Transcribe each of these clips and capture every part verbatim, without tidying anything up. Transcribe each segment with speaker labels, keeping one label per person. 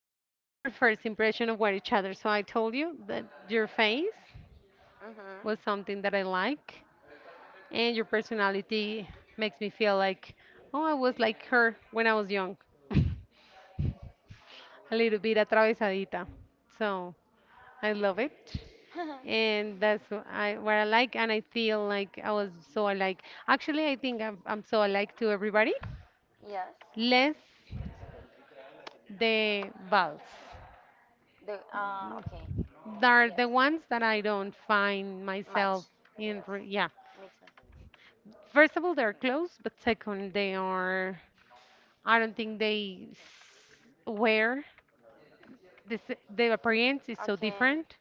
Speaker 1: what was our first impression of what each other. So I told you that your face was
Speaker 2: Mm-hmm.
Speaker 1: something that I like, and your personality makes me feel like, oh, I was like her when I was young, a little bit atravesadita. So I love it. And that's what I, what I like, and I feel like I was so alike. Actually, I think I'm, I'm so alike to everybody,
Speaker 2: Yes.
Speaker 1: less the vals.
Speaker 2: The uh okay.
Speaker 1: They're the ones that I don't find
Speaker 2: Match.
Speaker 1: myself in.
Speaker 2: Yes.
Speaker 1: Re yeah.
Speaker 2: Me too.
Speaker 1: First of all, they're close, but second, they are. I don't think they s- wear this. Their appearance is so
Speaker 2: Okay.
Speaker 1: different,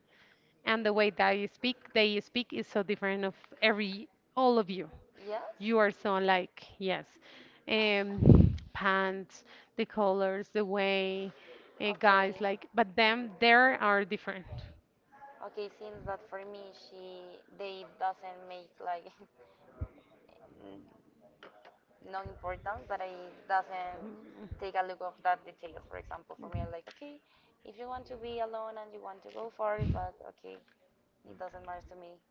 Speaker 1: and the way that you speak, they speak is so different of every all of you.
Speaker 2: Yes.
Speaker 1: You are so alike. Yes. Um, pants, the colors, the way, uh, guys
Speaker 2: Okay.
Speaker 1: like, but them, they are different.
Speaker 2: Okay, seems that for me she they doesn't make like, n- no importance. But I doesn't take a look of that details. For example, for me I'm like, okay, if you want to be alone and you want to go for it, but okay, it doesn't matter to me.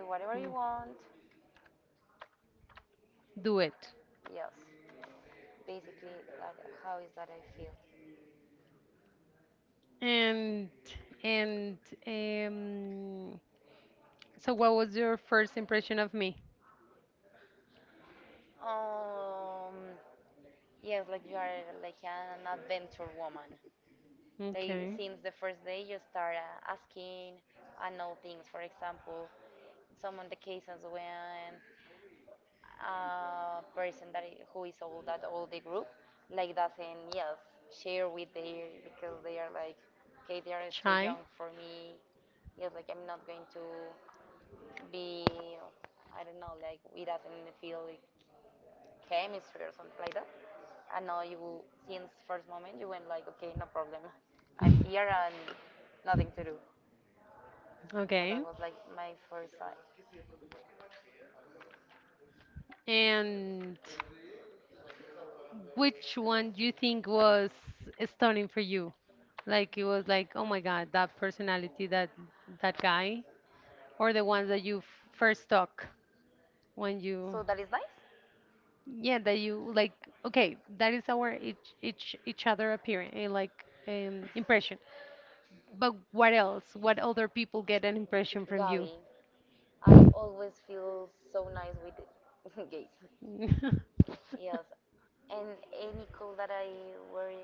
Speaker 2: Do
Speaker 1: Mm,
Speaker 2: whatever
Speaker 1: mm,
Speaker 2: you want.
Speaker 1: do it.
Speaker 2: Yes. Basically, like how is that I feel?
Speaker 1: And and um, so what was your first impression of me?
Speaker 2: Um yes, like you are like an adventure woman. Like
Speaker 1: Okay.
Speaker 2: since the first day you start uh, asking and know things. For example, some of the cases when a person that i- who is old that all the group like doesn't, yes, share with their because they are like, okay, they are too
Speaker 1: Shy.
Speaker 2: young for me. Yes, like I'm not going to be, I don't know, like it doesn't feel like chemistry or something like that. And now you, since first moment, you went like, okay, no problem, I'm here and nothing to do. Okay. So
Speaker 1: Okay.
Speaker 2: that was like my first side.
Speaker 1: And which one do you think was stunning for you? Like it was like, oh my God, that personality, that that guy, or the ones that you f- first talk when you,
Speaker 2: So that is nice.
Speaker 1: yeah, that you like. Okay, that is our each each each other appearance, like um, impression. But what else? What other people get an impression from you?
Speaker 2: Gabi, I always feel so nice with gays. Yes, and any call that I were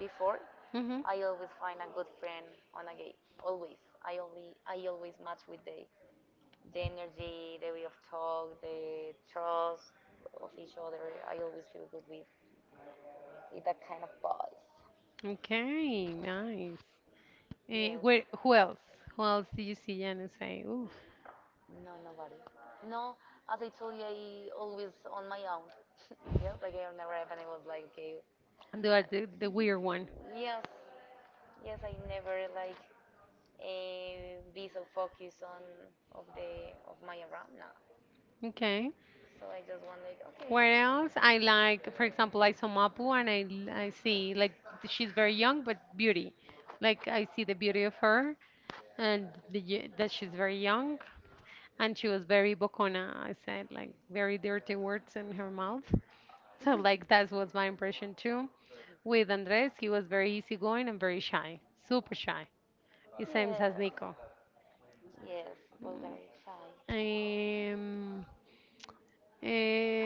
Speaker 2: before,
Speaker 1: Hmm.
Speaker 2: I always find a good friend on a gate. Always, I only I always match with the the energy, the way of talk, the trust of each other. I always feel good with with that kind of boys.
Speaker 1: Okay, nice. Eh, where,
Speaker 2: Yes,
Speaker 1: who else? Who else do you see and say, oof,
Speaker 2: no nobody. No, as I told you, I always on my own. Yes, like I on the rap and I was like, okay,
Speaker 1: they are the, the weird one?
Speaker 2: yes, yes, I never like uh, be so focused on of the of my around now.
Speaker 1: Okay.
Speaker 2: So I just want like okay,
Speaker 1: What else? I like, for example, I saw Mapu and I, l- I see, like, she's very young, but beauty. Like, I see the beauty of her and the, y- that she's very young. And she was very bocona. I said like very dirty words in her mouth. So like that was my impression too. With Andres, he was very easygoing and very shy, super shy. The same as
Speaker 2: yes,
Speaker 1: Nico.
Speaker 2: yes, Bulgari shy.
Speaker 1: Um,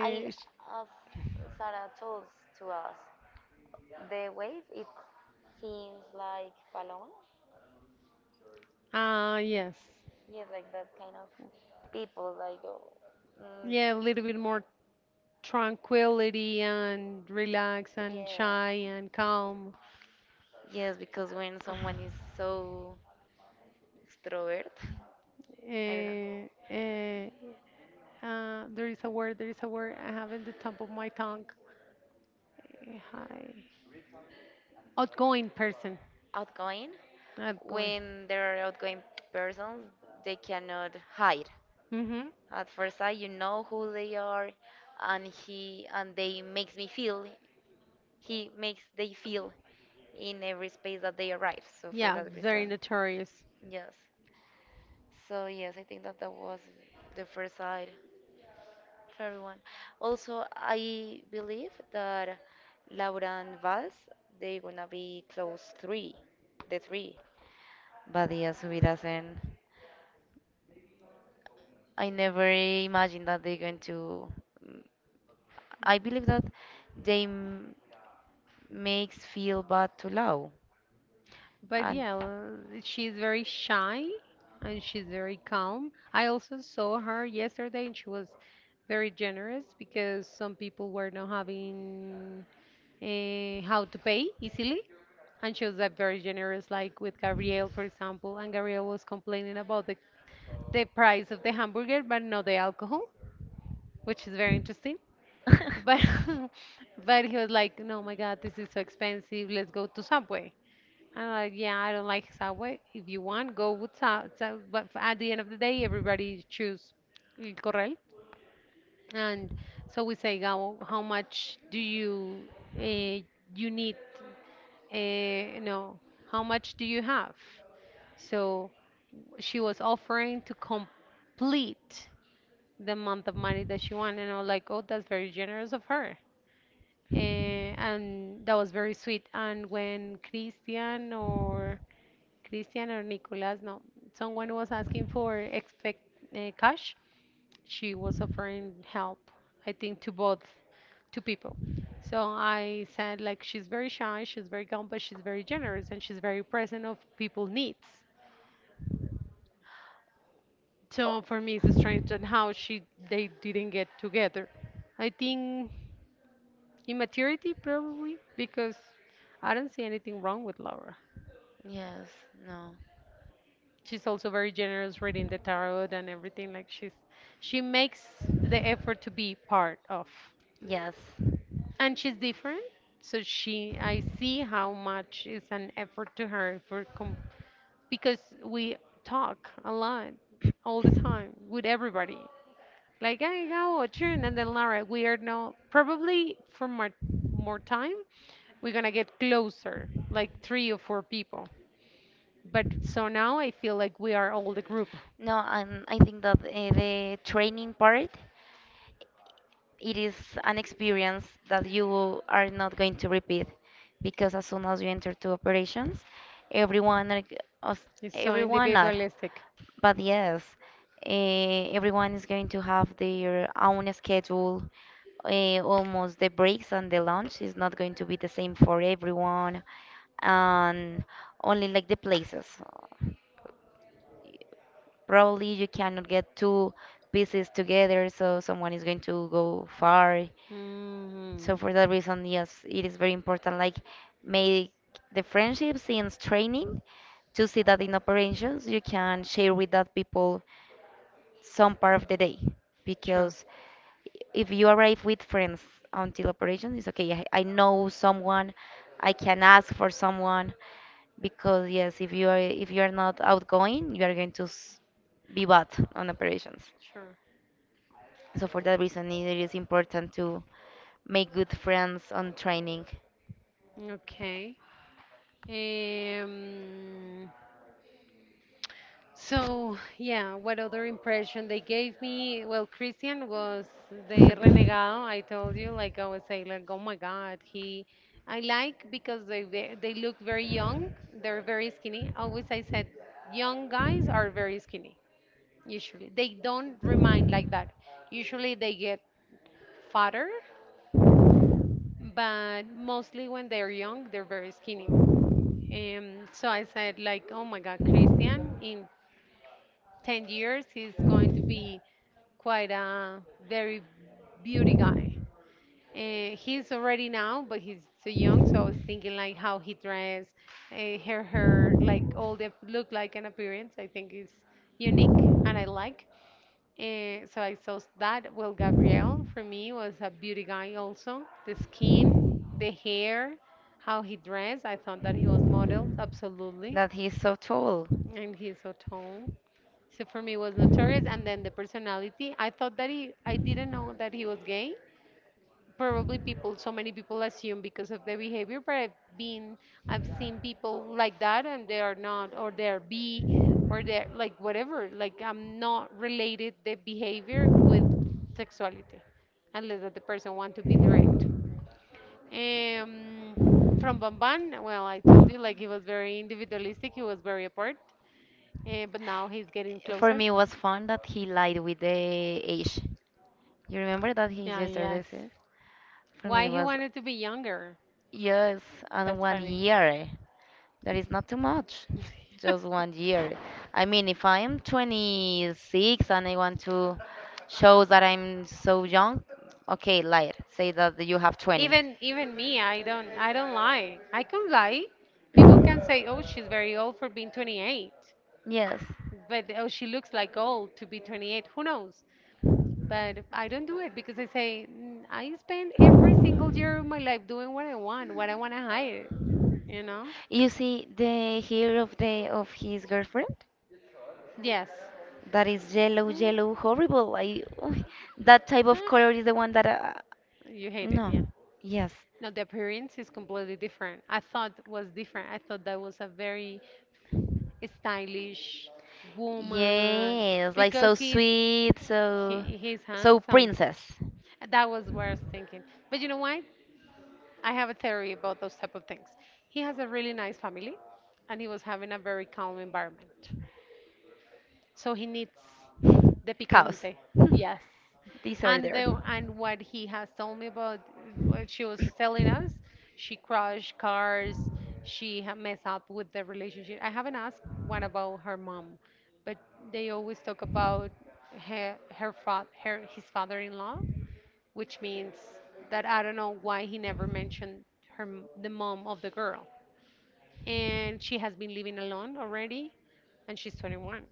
Speaker 2: I
Speaker 1: sh-
Speaker 2: as Sarah told to us, the wave it seems like Paloma.
Speaker 1: ah, yes.
Speaker 2: Yes, like that kind of people like. Oh, mm,
Speaker 1: Yeah, a little bit more tranquility and relax and
Speaker 2: yeah.
Speaker 1: shy and calm.
Speaker 2: Yes, because when someone is so extrovert, I don't know.
Speaker 1: Eh, eh, uh, there is a word, there is a word I have in the top of my tongue. Very high. Outgoing person.
Speaker 2: Outgoing.
Speaker 1: Outgoing.
Speaker 2: When they're outgoing persons, they cannot hide.
Speaker 1: Mm-hmm.
Speaker 2: At first sight, you know who they are, and he and they makes me feel. He makes they feel in every space that they arrive. So for
Speaker 1: Yeah,
Speaker 2: that
Speaker 1: very
Speaker 2: reason,
Speaker 1: notorious.
Speaker 2: yes. So yes, I think that that was the first side for everyone. Also, I believe that Laura and Vals they're gonna be close three, the three. But yes, who does I never imagined that they're going to. mm, I believe that they m- makes feel bad to Lau,
Speaker 1: But
Speaker 2: and
Speaker 1: yeah, l- she's very shy and she's very calm. I also saw her yesterday and she was very generous because some people were not having uh, how to pay easily, and she was like, very generous like with Gabriel for example. And Gabriel was complaining about the, the price of the hamburger but not the alcohol, which is very interesting. But but he was like, no, my God, this is so expensive, let's go to Subway. I'm like, yeah, I don't like Subway, if you want, go with Subway. But at the end of the day, everybody choose El Corral. And so we say, Gabo, how much do you uh, you need, eh, you know, how much do you have? So she was offering to complete the amount of money that she wanted. And I was like, oh, that's very generous of her. Eh, and that was very sweet. And when Christian or Christian or Nicolas, no, someone was asking for expect uh, cash, she was offering help, I think, to both, to people. So I said, like, she's very shy, she's very calm, but she's very generous and she's very present of people's needs.
Speaker 2: Oh,
Speaker 1: So for me, it's strange that how she they didn't get together. I think immaturity probably, because I don't see anything wrong with Laura.
Speaker 2: yes, no,
Speaker 1: She's also very generous reading the tarot and everything. Like she's she makes the effort to be part of.
Speaker 2: yes,
Speaker 1: And she's different. So she, I see how much is an effort to her for com because we talk a lot all the time with everybody. Like, hey, how are you? And then Lara, we are now probably for more, more time, we're gonna get closer, like three or four people. But so now I feel like we are all the group.
Speaker 2: no, and I think that uh, the training part it is an experience that you are not going to repeat because as soon as you enter to operations, everyone are g- us-
Speaker 1: It's so
Speaker 2: everyone not,
Speaker 1: individualistic.
Speaker 2: but yes, eh, everyone is going to have their own schedule. Eh, almost the breaks and the lunch is not going to be the same for everyone, and only like the places. Probably you cannot get two pieces together, so someone is going to go far. So
Speaker 1: Hmm.
Speaker 2: for that reason, yes, it is very important, like make the friendships in training to see that in operations you can share with that people some part of the day
Speaker 1: Sure,
Speaker 2: because if you arrive with friends until operation, it's okay. I, I know someone, I can ask for someone because yes, if you are if you are not outgoing, you are going to s- be bad on operations.
Speaker 1: sure.
Speaker 2: So for that reason, it is important to make good friends on training.
Speaker 1: Okay. Um, so, yeah, what other impression they gave me? Well, Christian was the renegado. I told you, like, I was saying, like, oh my God, he. I like because they ve- they look very young. They're very skinny. Always I said, young guys are very skinny. Usually, they don't remind like that. Usually, they get fatter, but mostly when they're young, they're very skinny. Um, so I said, like, oh my God, Christian, in ten years, he's going to be quite a very beauty guy. Uh, he's already now, but he's so young. So I was thinking, like, how he dress, uh, her hair, like, all the look, like, an appearance, I think is unique and I like. Uh, so I saw that. Well, Gabriel, for me, was a beauty guy also. The skin, the hair, how he dressed. I thought that he was modeled, absolutely,
Speaker 2: That he's so tall.
Speaker 1: and he's so tall. So for me, it was notorious. And then the personality, I thought that he, I didn't know that he was gay. Probably people, so many people assume because of their behavior, but I've been, I've seen people like that and they are not, or they're B, or they're like whatever. Like I'm not related the behavior with sexuality, unless that the person want to be direct. Um, from Bamban, well, I told you, like he was very individualistic, he was very apart. Eh, but now he's getting
Speaker 2: For
Speaker 1: closer.
Speaker 2: me, it was fun that he lied with the age. You remember that he
Speaker 1: Yeah,
Speaker 2: just said
Speaker 1: yes.
Speaker 2: this? Is? For me,
Speaker 1: Why
Speaker 2: it
Speaker 1: he
Speaker 2: was
Speaker 1: wanted to be younger?
Speaker 2: yes, and
Speaker 1: That's
Speaker 2: one
Speaker 1: funny.
Speaker 2: year. That is not too much. Just one year. I mean, if I am twenty-six and I want to show that I'm so young, okay, liar. Say that you have twenty.
Speaker 1: Even even me, I don't I don't lie. I can lie. People can say, "Oh, she's very old for being twenty-eight."
Speaker 2: Yes.
Speaker 1: But oh, she looks like old to be twenty-eight. Who knows? But I don't do it because I say, "Mm, I spend every single year of my life doing what I want, what I want to hide, you know?
Speaker 2: You see the hair of the of his girlfriend?
Speaker 1: Yes.
Speaker 2: That is yellow, yellow, horrible. I that type of color
Speaker 1: Ah,
Speaker 2: is the one that I,
Speaker 1: you hate it, yeah.
Speaker 2: no. Yes.
Speaker 1: No, the appearance is completely different. I thought was different. I thought that was a very stylish woman,
Speaker 2: Yes, like so
Speaker 1: because he's
Speaker 2: sweet, so
Speaker 1: he, he's
Speaker 2: so
Speaker 1: handsome.
Speaker 2: princess.
Speaker 1: That was what I was thinking. But you know what? I have a theory about those type of things. He has a really nice family, and he was having a very calm environment. So he needs the
Speaker 2: Chaos.
Speaker 1: picante. Yes. And the and what he has told me about what she was telling us, she crashed cars, she ha- messed up with the relationship. I haven't asked what about her mom, but they always talk about her her fa- her his father-in-law, which means that I don't know why he never mentioned her m- the mom of the
Speaker 2: Disorder.
Speaker 1: girl. And she has been living alone already, and she's twenty-one.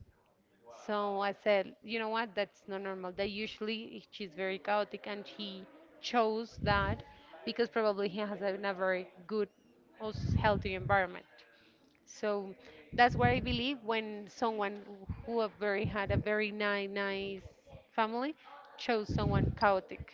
Speaker 1: So I said, you know what? That's not normal. That usually she's very chaotic, and he chose that because probably he has a, a very good, also healthy environment. So that's what I believe when someone who have very had a very nice, nice family chose someone chaotic.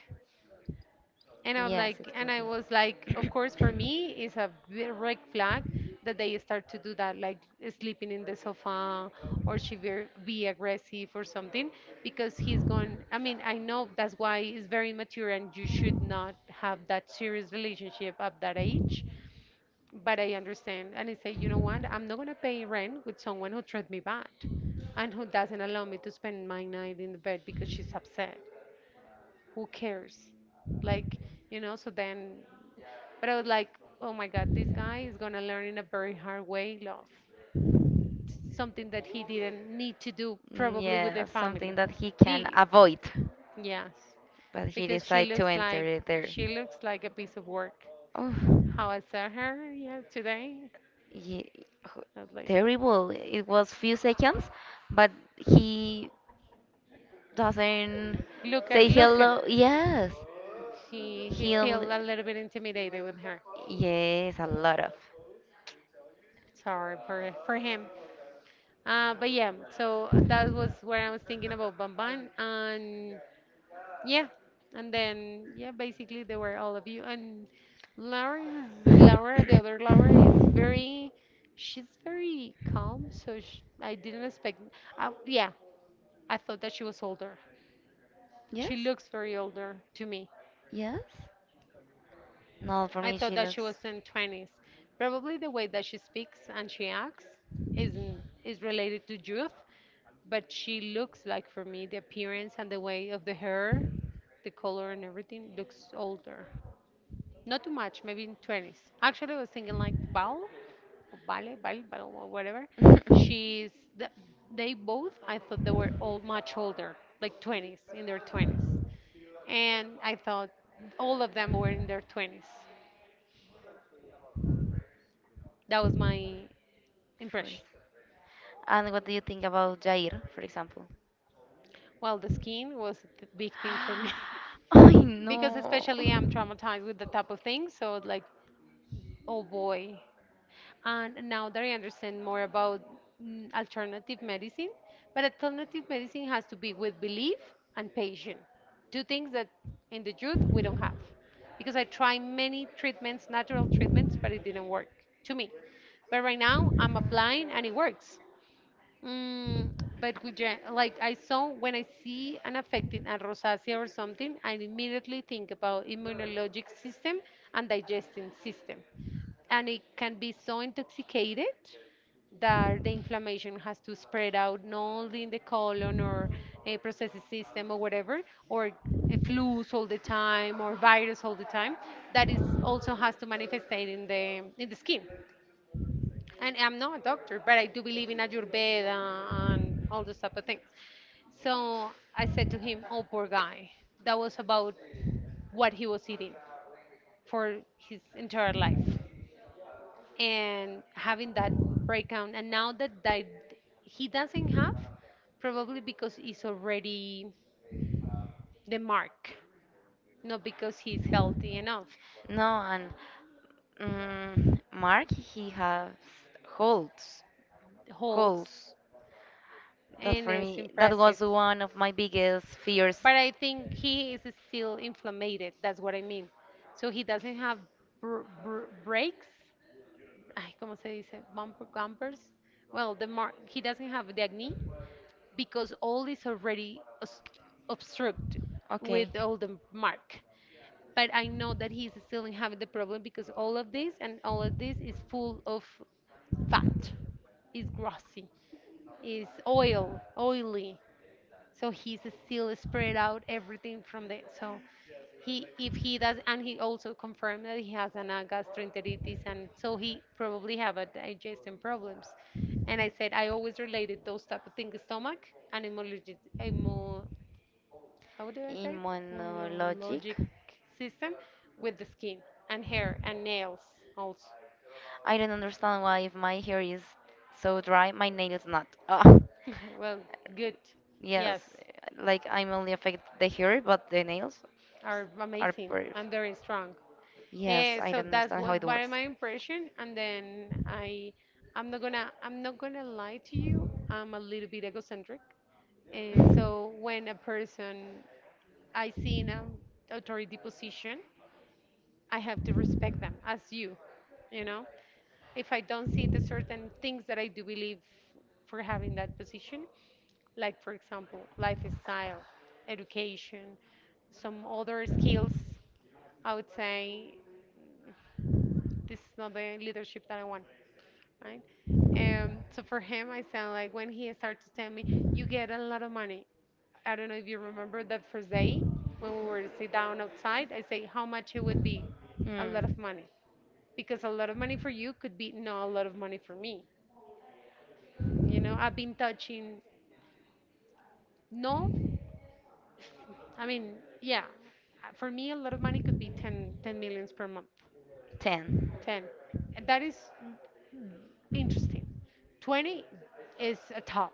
Speaker 1: And I was like, and I was like, of course, for me, it's a big red flag that they start to do that, like sleeping in the sofa or she be, be aggressive or something, because he's going. I mean, I know that's why it's very mature and you should not have that serious relationship at that age. But I understand, and I say, you know what? I'm not gonna pay rent with someone who treats me bad and who doesn't allow me to spend my night in the bed because she's upset, who cares? Like, you know, so then, but I was like, oh my God, this guy is going to learn in a very hard way love. It's something that he didn't need to do probably with their
Speaker 2: Learn.
Speaker 1: family.
Speaker 2: Something that he can
Speaker 1: B,
Speaker 2: avoid,
Speaker 1: yes,
Speaker 2: but he
Speaker 1: because she
Speaker 2: decided to
Speaker 1: looks
Speaker 2: enter
Speaker 1: like,
Speaker 2: it.
Speaker 1: she looks like a piece of work. How I saw her yeah, today,
Speaker 2: Ye- h-
Speaker 1: I was like,
Speaker 2: Terrible. It was few seconds, but he doesn't
Speaker 1: look at,
Speaker 2: say
Speaker 1: look at,
Speaker 2: hello. Yes,
Speaker 1: he, he
Speaker 2: he'll.
Speaker 1: felt a little bit intimidated with her.
Speaker 2: Yes, a lot of.
Speaker 1: Sorry for, for him. Uh, but yeah, so that was where I was thinking about Bamban, and yeah, and then yeah, basically they were all of you. And Laura is Laura, the other Laura is very, she's very calm. So sh I didn't expect. I, yeah, I thought that she was older.
Speaker 2: Yes,
Speaker 1: She looks very older to me.
Speaker 2: yes. No, for
Speaker 1: I
Speaker 2: me
Speaker 1: thought
Speaker 2: she
Speaker 1: that she
Speaker 2: looks.
Speaker 1: was in twenties. Probably the way that she speaks and she acts is is related to youth, but she looks like for me the appearance and the way of the hair, the color and everything looks older. Not too much, maybe in twenties. Actually, I was thinking like Bal, Vale, Val, Val, or whatever. She's the, they both. I thought they were all much older, like twenties, in their twenties, and I thought all of them were in their twenties. That was my
Speaker 2: First.
Speaker 1: impression.
Speaker 2: And what do you think about Jair, for example?
Speaker 1: Well, the skin was a th- big thing for me
Speaker 2: I
Speaker 1: because
Speaker 2: know.
Speaker 1: especially I'm traumatized with the type of thing. So like, oh boy. And now that I understand more about mm, alternative medicine, but alternative medicine has to be with belief and patience, two things that in the youth we don't have. Because I tried many treatments, natural treatments, but it didn't work to me. But right now I'm applying and it works. Mm, but with gen- like I saw when I see an affecting a rosacea or something, I immediately think about immunologic system and digesting system, and it can be so intoxicated that the inflammation has to spread out not only in the colon or a processes system or whatever, or a flus all the time or virus all the time, that is also has to manifest in the in the skin, and I'm not a doctor, but I do believe in Ayurveda and all those type of things. So I said to him, "Oh, poor guy. That was about what he was eating for his entire life, and having that breakdown. And now that di- he doesn't have, probably because he's already the mark, not because he's healthy enough,
Speaker 2: No, and mm, Mark he has holes,
Speaker 1: holds,
Speaker 2: holes. That
Speaker 1: and
Speaker 2: for
Speaker 1: is
Speaker 2: me, that
Speaker 1: impressive."
Speaker 2: was one of my biggest fears.
Speaker 1: But I think he is still inflamed. That's what I mean. So he doesn't have br br breaks. Ay, ¿cómo se dice? Bumper, gumpers. Well, the mar he doesn't have the acne because all is already obst- obstruct
Speaker 2: Okay,
Speaker 1: with all the mark. But I know that he's still having the problem because all of this and all of this is full of fat. It's grossy. It's oil, oily, so he's still spread out everything from the so he if he does, and he also confirmed that he has an uh, gastroenteritis, and so he probably have a digestion problems. And I said I always related those type of things stomach and immunologic immu, how do I say
Speaker 2: in
Speaker 1: it?
Speaker 2: monologic,
Speaker 1: Immunologic system with the skin and hair and nails also.
Speaker 2: I don't understand why if my hair is so dry, my nails not. Ah.
Speaker 1: Well, good. Yes,
Speaker 2: Yes, like I'm only affected the hair, but the nails
Speaker 1: are
Speaker 2: are
Speaker 1: amazing
Speaker 2: perfect.
Speaker 1: and very strong.
Speaker 2: Yes,
Speaker 1: Uh,
Speaker 2: I
Speaker 1: so
Speaker 2: don't
Speaker 1: that's
Speaker 2: understand how
Speaker 1: what
Speaker 2: it
Speaker 1: what
Speaker 2: works.
Speaker 1: my impression, and then I I'm not gonna I'm not gonna lie to you. I'm a little bit egocentric. Uh, so when a person I see in an authority position, I have to respect them as you, you know. If I don't see the certain things that I do believe for having that position, like for example lifestyle, education, some other skills, I would say this is not the leadership that I want, right? Um, so for him, I sound like when he started to tell me, you get a lot of money. I don't know if you remember that first day when we were to sit down outside, I say how much it would be, a lot
Speaker 2: Mm.
Speaker 1: of money, because a lot of money for you could be not a lot of money for me. You know, I've been touching no, I mean yeah. Uh, for me a lot of money could be ten ten millions per month,
Speaker 2: ten.
Speaker 1: ten. And that is interesting. twenty is a top,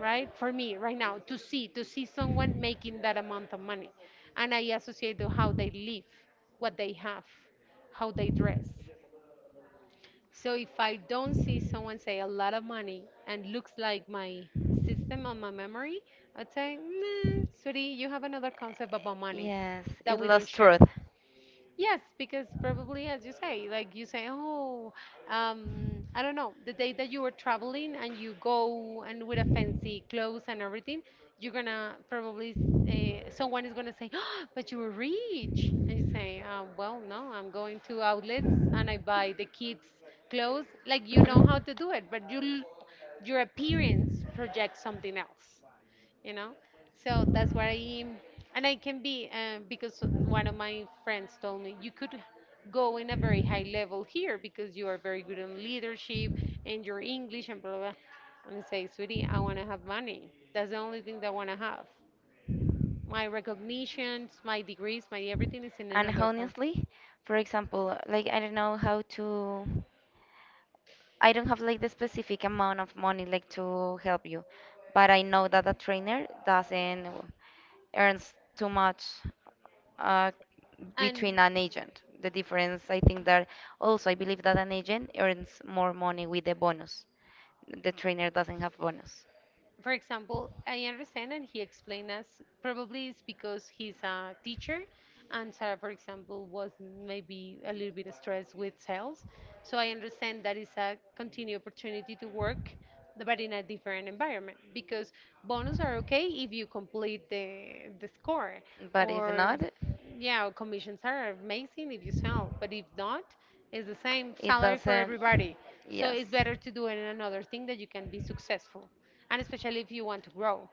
Speaker 1: right? For me, right now, to see to see someone making that amount of money, and I associate to how they live, what they have, how they dress. So if I don't see someone say a lot of money and looks like my system on my memory, I'd say, nah, sweetie, you have another concept about money
Speaker 2: Yes,
Speaker 1: that
Speaker 2: it
Speaker 1: we don't
Speaker 2: lost
Speaker 1: share.
Speaker 2: truth.
Speaker 1: Yes, because probably as you say, like you say, oh, um, I don't know, the day that you were traveling and you go and with a fancy clothes and everything, you're gonna probably uh, someone is gonna say, oh, but you were rich, and you say, uh, well, no, I'm going to outlets and I buy the kids clothes. Like you know how to do it, but you, l- your appearance projects something else, you know. So that's why I, and I can be uh, because one of my friends told me you could go in a very high level here because you are very good in leadership and your English and blah blah, and I say sweetie I want to have money, that's the only thing that I want to have. My recognitions, my degrees, my everything is in another part.
Speaker 2: Honestly, for example, like I don't know how to. I don't have like the specific amount of money like to help you, but I know that a trainer doesn't earns too much, uh,
Speaker 1: And
Speaker 2: between an agent. The difference, I think that also I believe that an agent earns more money with the bonus. The trainer doesn't have bonus.
Speaker 1: for example, I understand, and he explained us probably it's because he's a teacher, and Sarah, for example, was maybe a little bit stressed with sales. So I understand that is a continued opportunity to work, but in a different environment because bonus are okay if you complete the the score,
Speaker 2: But if
Speaker 1: or
Speaker 2: not,
Speaker 1: yeah, or commissions are amazing if you sell, but if not, it's the same
Speaker 2: it
Speaker 1: salary for
Speaker 2: doesn't.
Speaker 1: everybody. So
Speaker 2: Yes.
Speaker 1: it's better to do it in another thing that you can be successful, and especially if you want to grow.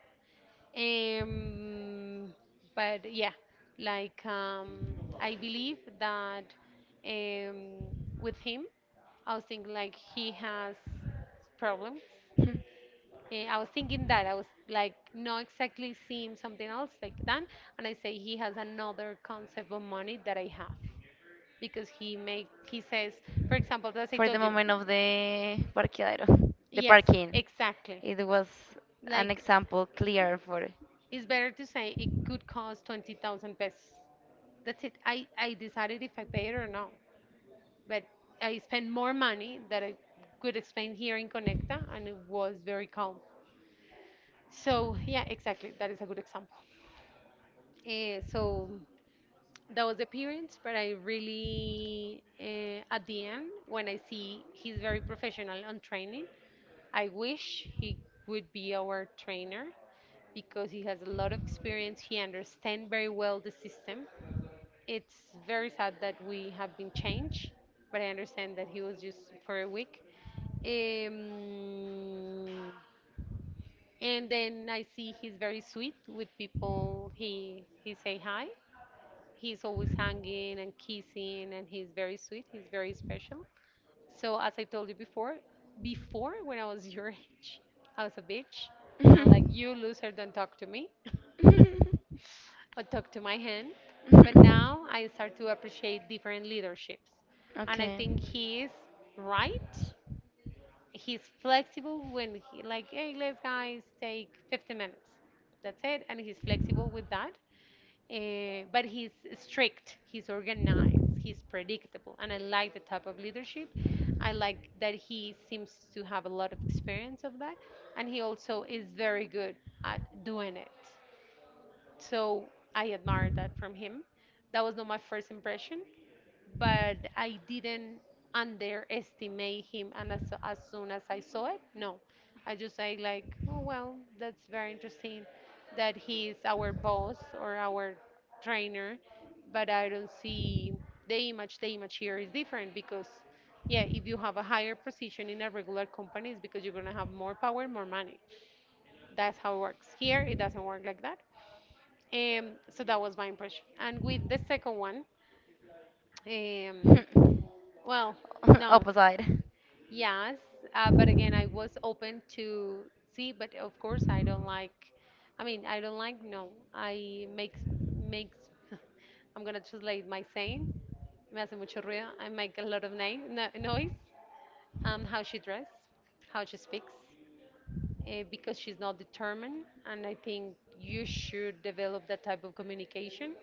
Speaker 1: Um, but yeah, like um, I believe that um, with him, I was thinking like he has problems. Eh, I was thinking that I was like not exactly seeing something else like that, and I say he has another concept of money that I have because he make he says, for example, as I
Speaker 2: For the
Speaker 1: told you,
Speaker 2: moment of the parqueadero, the
Speaker 1: yes,
Speaker 2: parking.
Speaker 1: exactly.
Speaker 2: It was an
Speaker 1: Like
Speaker 2: example clear for.
Speaker 1: it's better to say it could cost twenty thousand pesos. That's it. I, I decided if I pay it or not. But I spent more money that I could spend here in Conecta, and it was very calm. So, yeah, exactly. That is a good example. Uh, so, that was the appearance, but I really, uh, at the end, when I see he's very professional on training, I wish he would be our trainer because he has a lot of experience. He understands very well the system. It's very sad that we have been changed, but I understand that he was just for a week. Um, and then I see he's very sweet with people. He he say hi. He's always hanging and kissing, and he's very sweet. He's very special. So as I told you before, before when I was your age, I was a bitch, and I'm like you loser, don't talk to me. Or talk to my hand. But now I start to appreciate different leaderships. And I
Speaker 2: Okay.
Speaker 1: think he is right. He's flexible when he like, hey, let's guys take fifty minutes. That's it. And he's flexible with that. Eh, but he's strict, he's organized, he's predictable. And I like the type of leadership. I like that he seems to have a lot of experience of that. And he also is very good at doing it. So I admired that from him. That was not my first impression, but I didn't underestimate him. And as, as soon as I saw it, no, I just say like, oh well, that's very interesting that he's our boss or our trainer, but I don't see the image. The image here is different because, yeah, if you have a higher position in a regular company, it's because you're gonna have more power, more money. That's how it works. Here, it doesn't work like that. Um, so that was my impression. And with the second one, um, well, no,
Speaker 2: Opposite.
Speaker 1: yes, uh, but again, I was open to see, but of course, I don't like. I mean, I don't like. No, I makes makes. I'm gonna translate my saying. Me hace mucho ruido. I make a lot of na- no, noise. Um, how she dress, how she speaks, uh, because she's not determined, and I think you should develop that type of communication.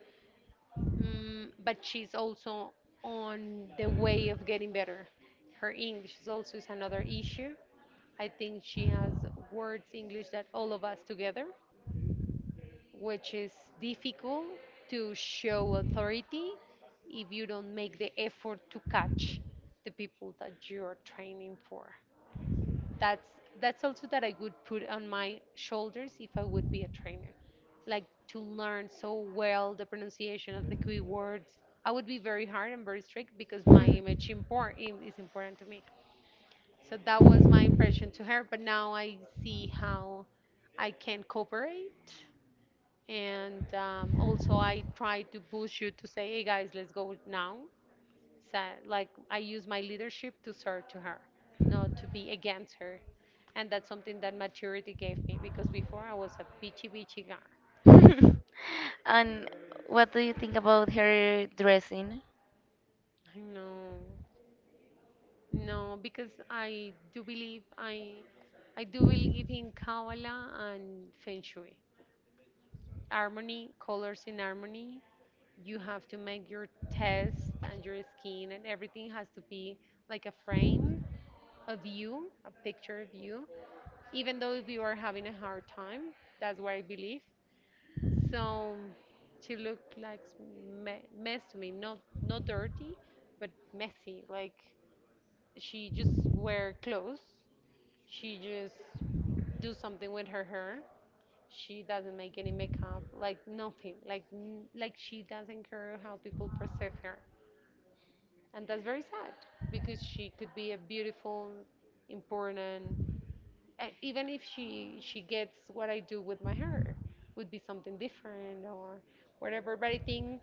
Speaker 1: Mm, but she's also on the way of getting better. Her English is also is another issue. I think she has words English that all of us together, which is difficult to show authority if you don't make the effort to catch the people that you're training for. that's that's also that I would put on my shoulders if I would be a trainer, like to learn so well the pronunciation of the key words. I would be very hard and very strict because my image import im- is important to me. So that was my impression to her. But now I see how I can cooperate, and um, also I try to push you to say, "Hey guys, let's go now." So, like I use my leadership to serve to her, not to be against her. And that's something that maturity gave me because before I was a bitchy bitchy guy.
Speaker 2: And what do you think about her dressing?
Speaker 1: I know. No, because I do believe I I do believe in Kabbalah and Feng Shui. Harmony, colors in harmony. You have to make your test and your skin and everything has to be like a frame of you, a picture of you, even though if you are having a hard time. That's what I believe. So she looked like me- mess to me, not not dirty, but messy. Like she just wear clothes. She just do something with her hair. She doesn't make any makeup, like nothing. Like n- like she doesn't care how people perceive her, and that's very sad because she could be a beautiful, important, uh, even if she she gets what I do with my hair would be something different or whatever. But I think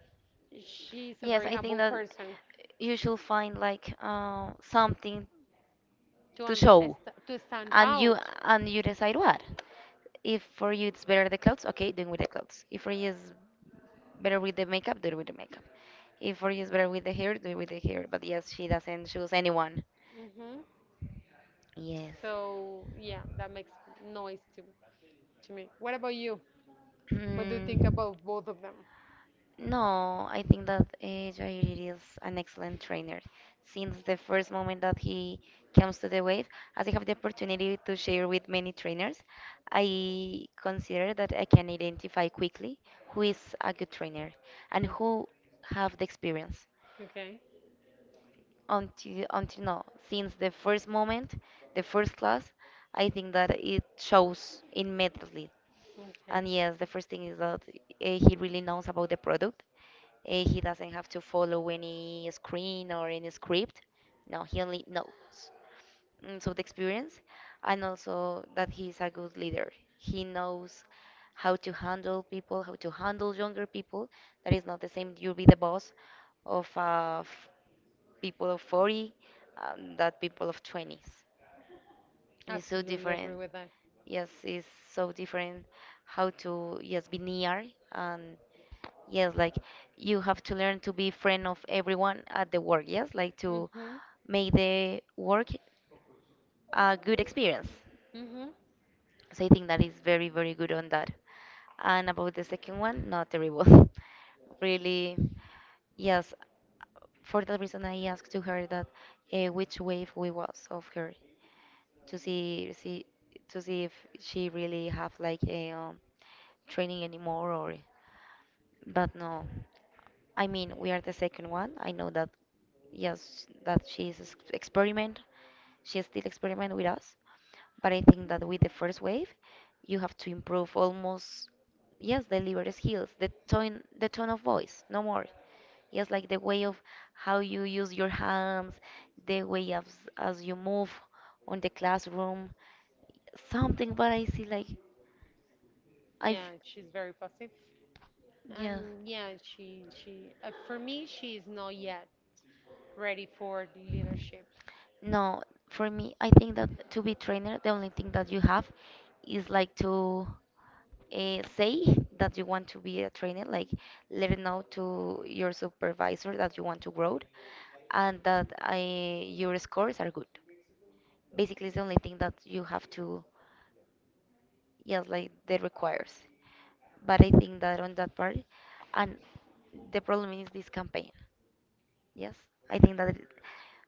Speaker 1: she's a
Speaker 2: Yes,
Speaker 1: very
Speaker 2: I think
Speaker 1: humble
Speaker 2: that
Speaker 1: person
Speaker 2: you should find like uh, something
Speaker 1: to
Speaker 2: to
Speaker 1: un- uh,
Speaker 2: show.
Speaker 1: to stand
Speaker 2: And you
Speaker 1: out.
Speaker 2: and you decide what, if for you it's better the clothes, okay, then with the clothes. If for you it's better with the makeup, do it with the makeup. If for you it's better with the hair, do it with the hair. But yes, she doesn't choose anyone.
Speaker 1: Hmm.
Speaker 2: Yes.
Speaker 1: So yeah, that makes noise to to me. What about you? What do you think
Speaker 2: Mm,
Speaker 1: about both of them?
Speaker 2: no, I think that uh, Jair is an excellent trainer. Since the first moment that he comes to the wave, as I have the opportunity to share with many trainers, I consider that I can identify quickly who is a good trainer and
Speaker 1: Mm.
Speaker 2: who have the experience.
Speaker 1: Okay.
Speaker 2: Until until now, since the first moment, the first class, I think that it shows immediately. And
Speaker 1: Okay.
Speaker 2: yes, the first thing is that uh, he really knows about the product. Uh, he doesn't have to follow any screen or any script. No, he only knows. Mm, so the experience, and also that he's a good leader. He knows how to handle people, how to handle younger people. That is not the same. You'll be the boss of uh, f- people of forty, um, that people of twenties and it's so
Speaker 1: Absolutely agree
Speaker 2: different.
Speaker 1: with that.
Speaker 2: Yes, it's so different how to, yes, be near and yes like you have to learn to be friend of everyone at the work. Yes, like to
Speaker 1: Mhm.
Speaker 2: make the work a good experience.
Speaker 1: Mhm.
Speaker 2: So I think that is very very good on that. And about the second one, not terrible. Really, yes. For that reason, I asked to her that uh, which wave we was of her to see see to see if she really have like a um, training anymore or, but no, I mean, we are the second one. I know that, yes, that she is ex- experiment. She still experiment with us. But I think that with the first wave, you have to improve almost, yes, the liver skills, the tone, the tone of voice, no more. Yes, like the way of how you use your hands, the way as as you move on the classroom, something. But I see like. I've
Speaker 1: Yeah, she's very positive,
Speaker 2: yeah.
Speaker 1: and yeah, she she uh, for me she is not yet ready for the leadership.
Speaker 2: No, for me, I think that to be trainer, the only thing that you have is like to uh, say that you want to be a trainer, like let it know to your supervisor that you want to grow and that I, your scores are good. Basically, it's the only thing that you have to, yes, like that requires. But I think that on that part, and the problem is this campaign. Yes, I think that it-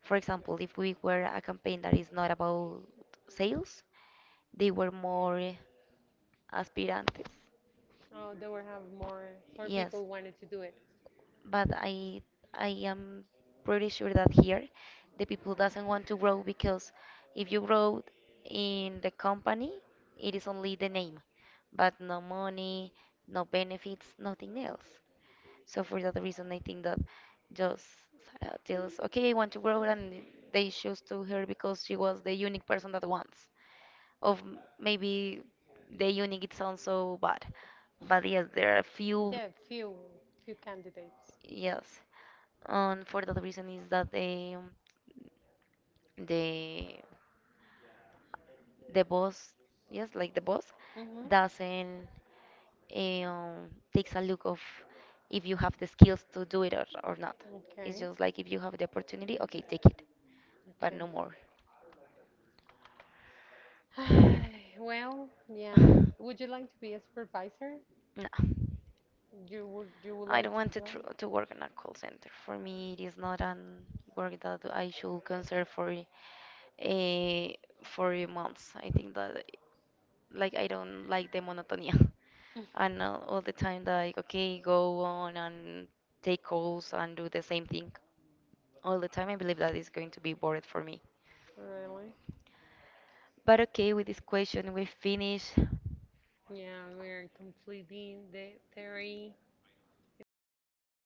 Speaker 2: for example, if we were a campaign that is not about sales, they were more aspirantes.
Speaker 1: Oh, there were have more more people
Speaker 2: Yes,
Speaker 1: wanted to do it.
Speaker 2: but I I am pretty sure that here the people doesn't want to grow because if you grow in the company, it is only the name, but no money, no benefits, nothing else. So for that reason, I think that just Sarah tells, okay, I want to grow, and they choose to her because she was the unique person that wants of m- maybe the unique, it sounds so bad, but yes, there are a few.
Speaker 1: Yeah, few few candidates.
Speaker 2: Yes, and for that reason is that the the the boss, yes, like the boss
Speaker 1: Mhm.
Speaker 2: doesn't um, takes a look of if you have the skills to do it or, or not. It's
Speaker 1: Okay.
Speaker 2: just like if you have the opportunity, okay, take it, but
Speaker 1: Okay.
Speaker 2: no more.
Speaker 1: Well, yeah. Would you like to be a supervisor?
Speaker 2: No,
Speaker 1: You would you would
Speaker 2: I
Speaker 1: like
Speaker 2: don't
Speaker 1: to
Speaker 2: want to
Speaker 1: go?
Speaker 2: tr to work in a call center. For me, it is not an work that I should consider for uh, for months. I think that like I don't like the monotony and uh, all the time like okay, go on and take calls and do the same thing all the time. I believe that is going to be boring for me.
Speaker 1: Really?
Speaker 2: But okay, with this question we finish.
Speaker 1: Yeah, we're completing the theory in the sound.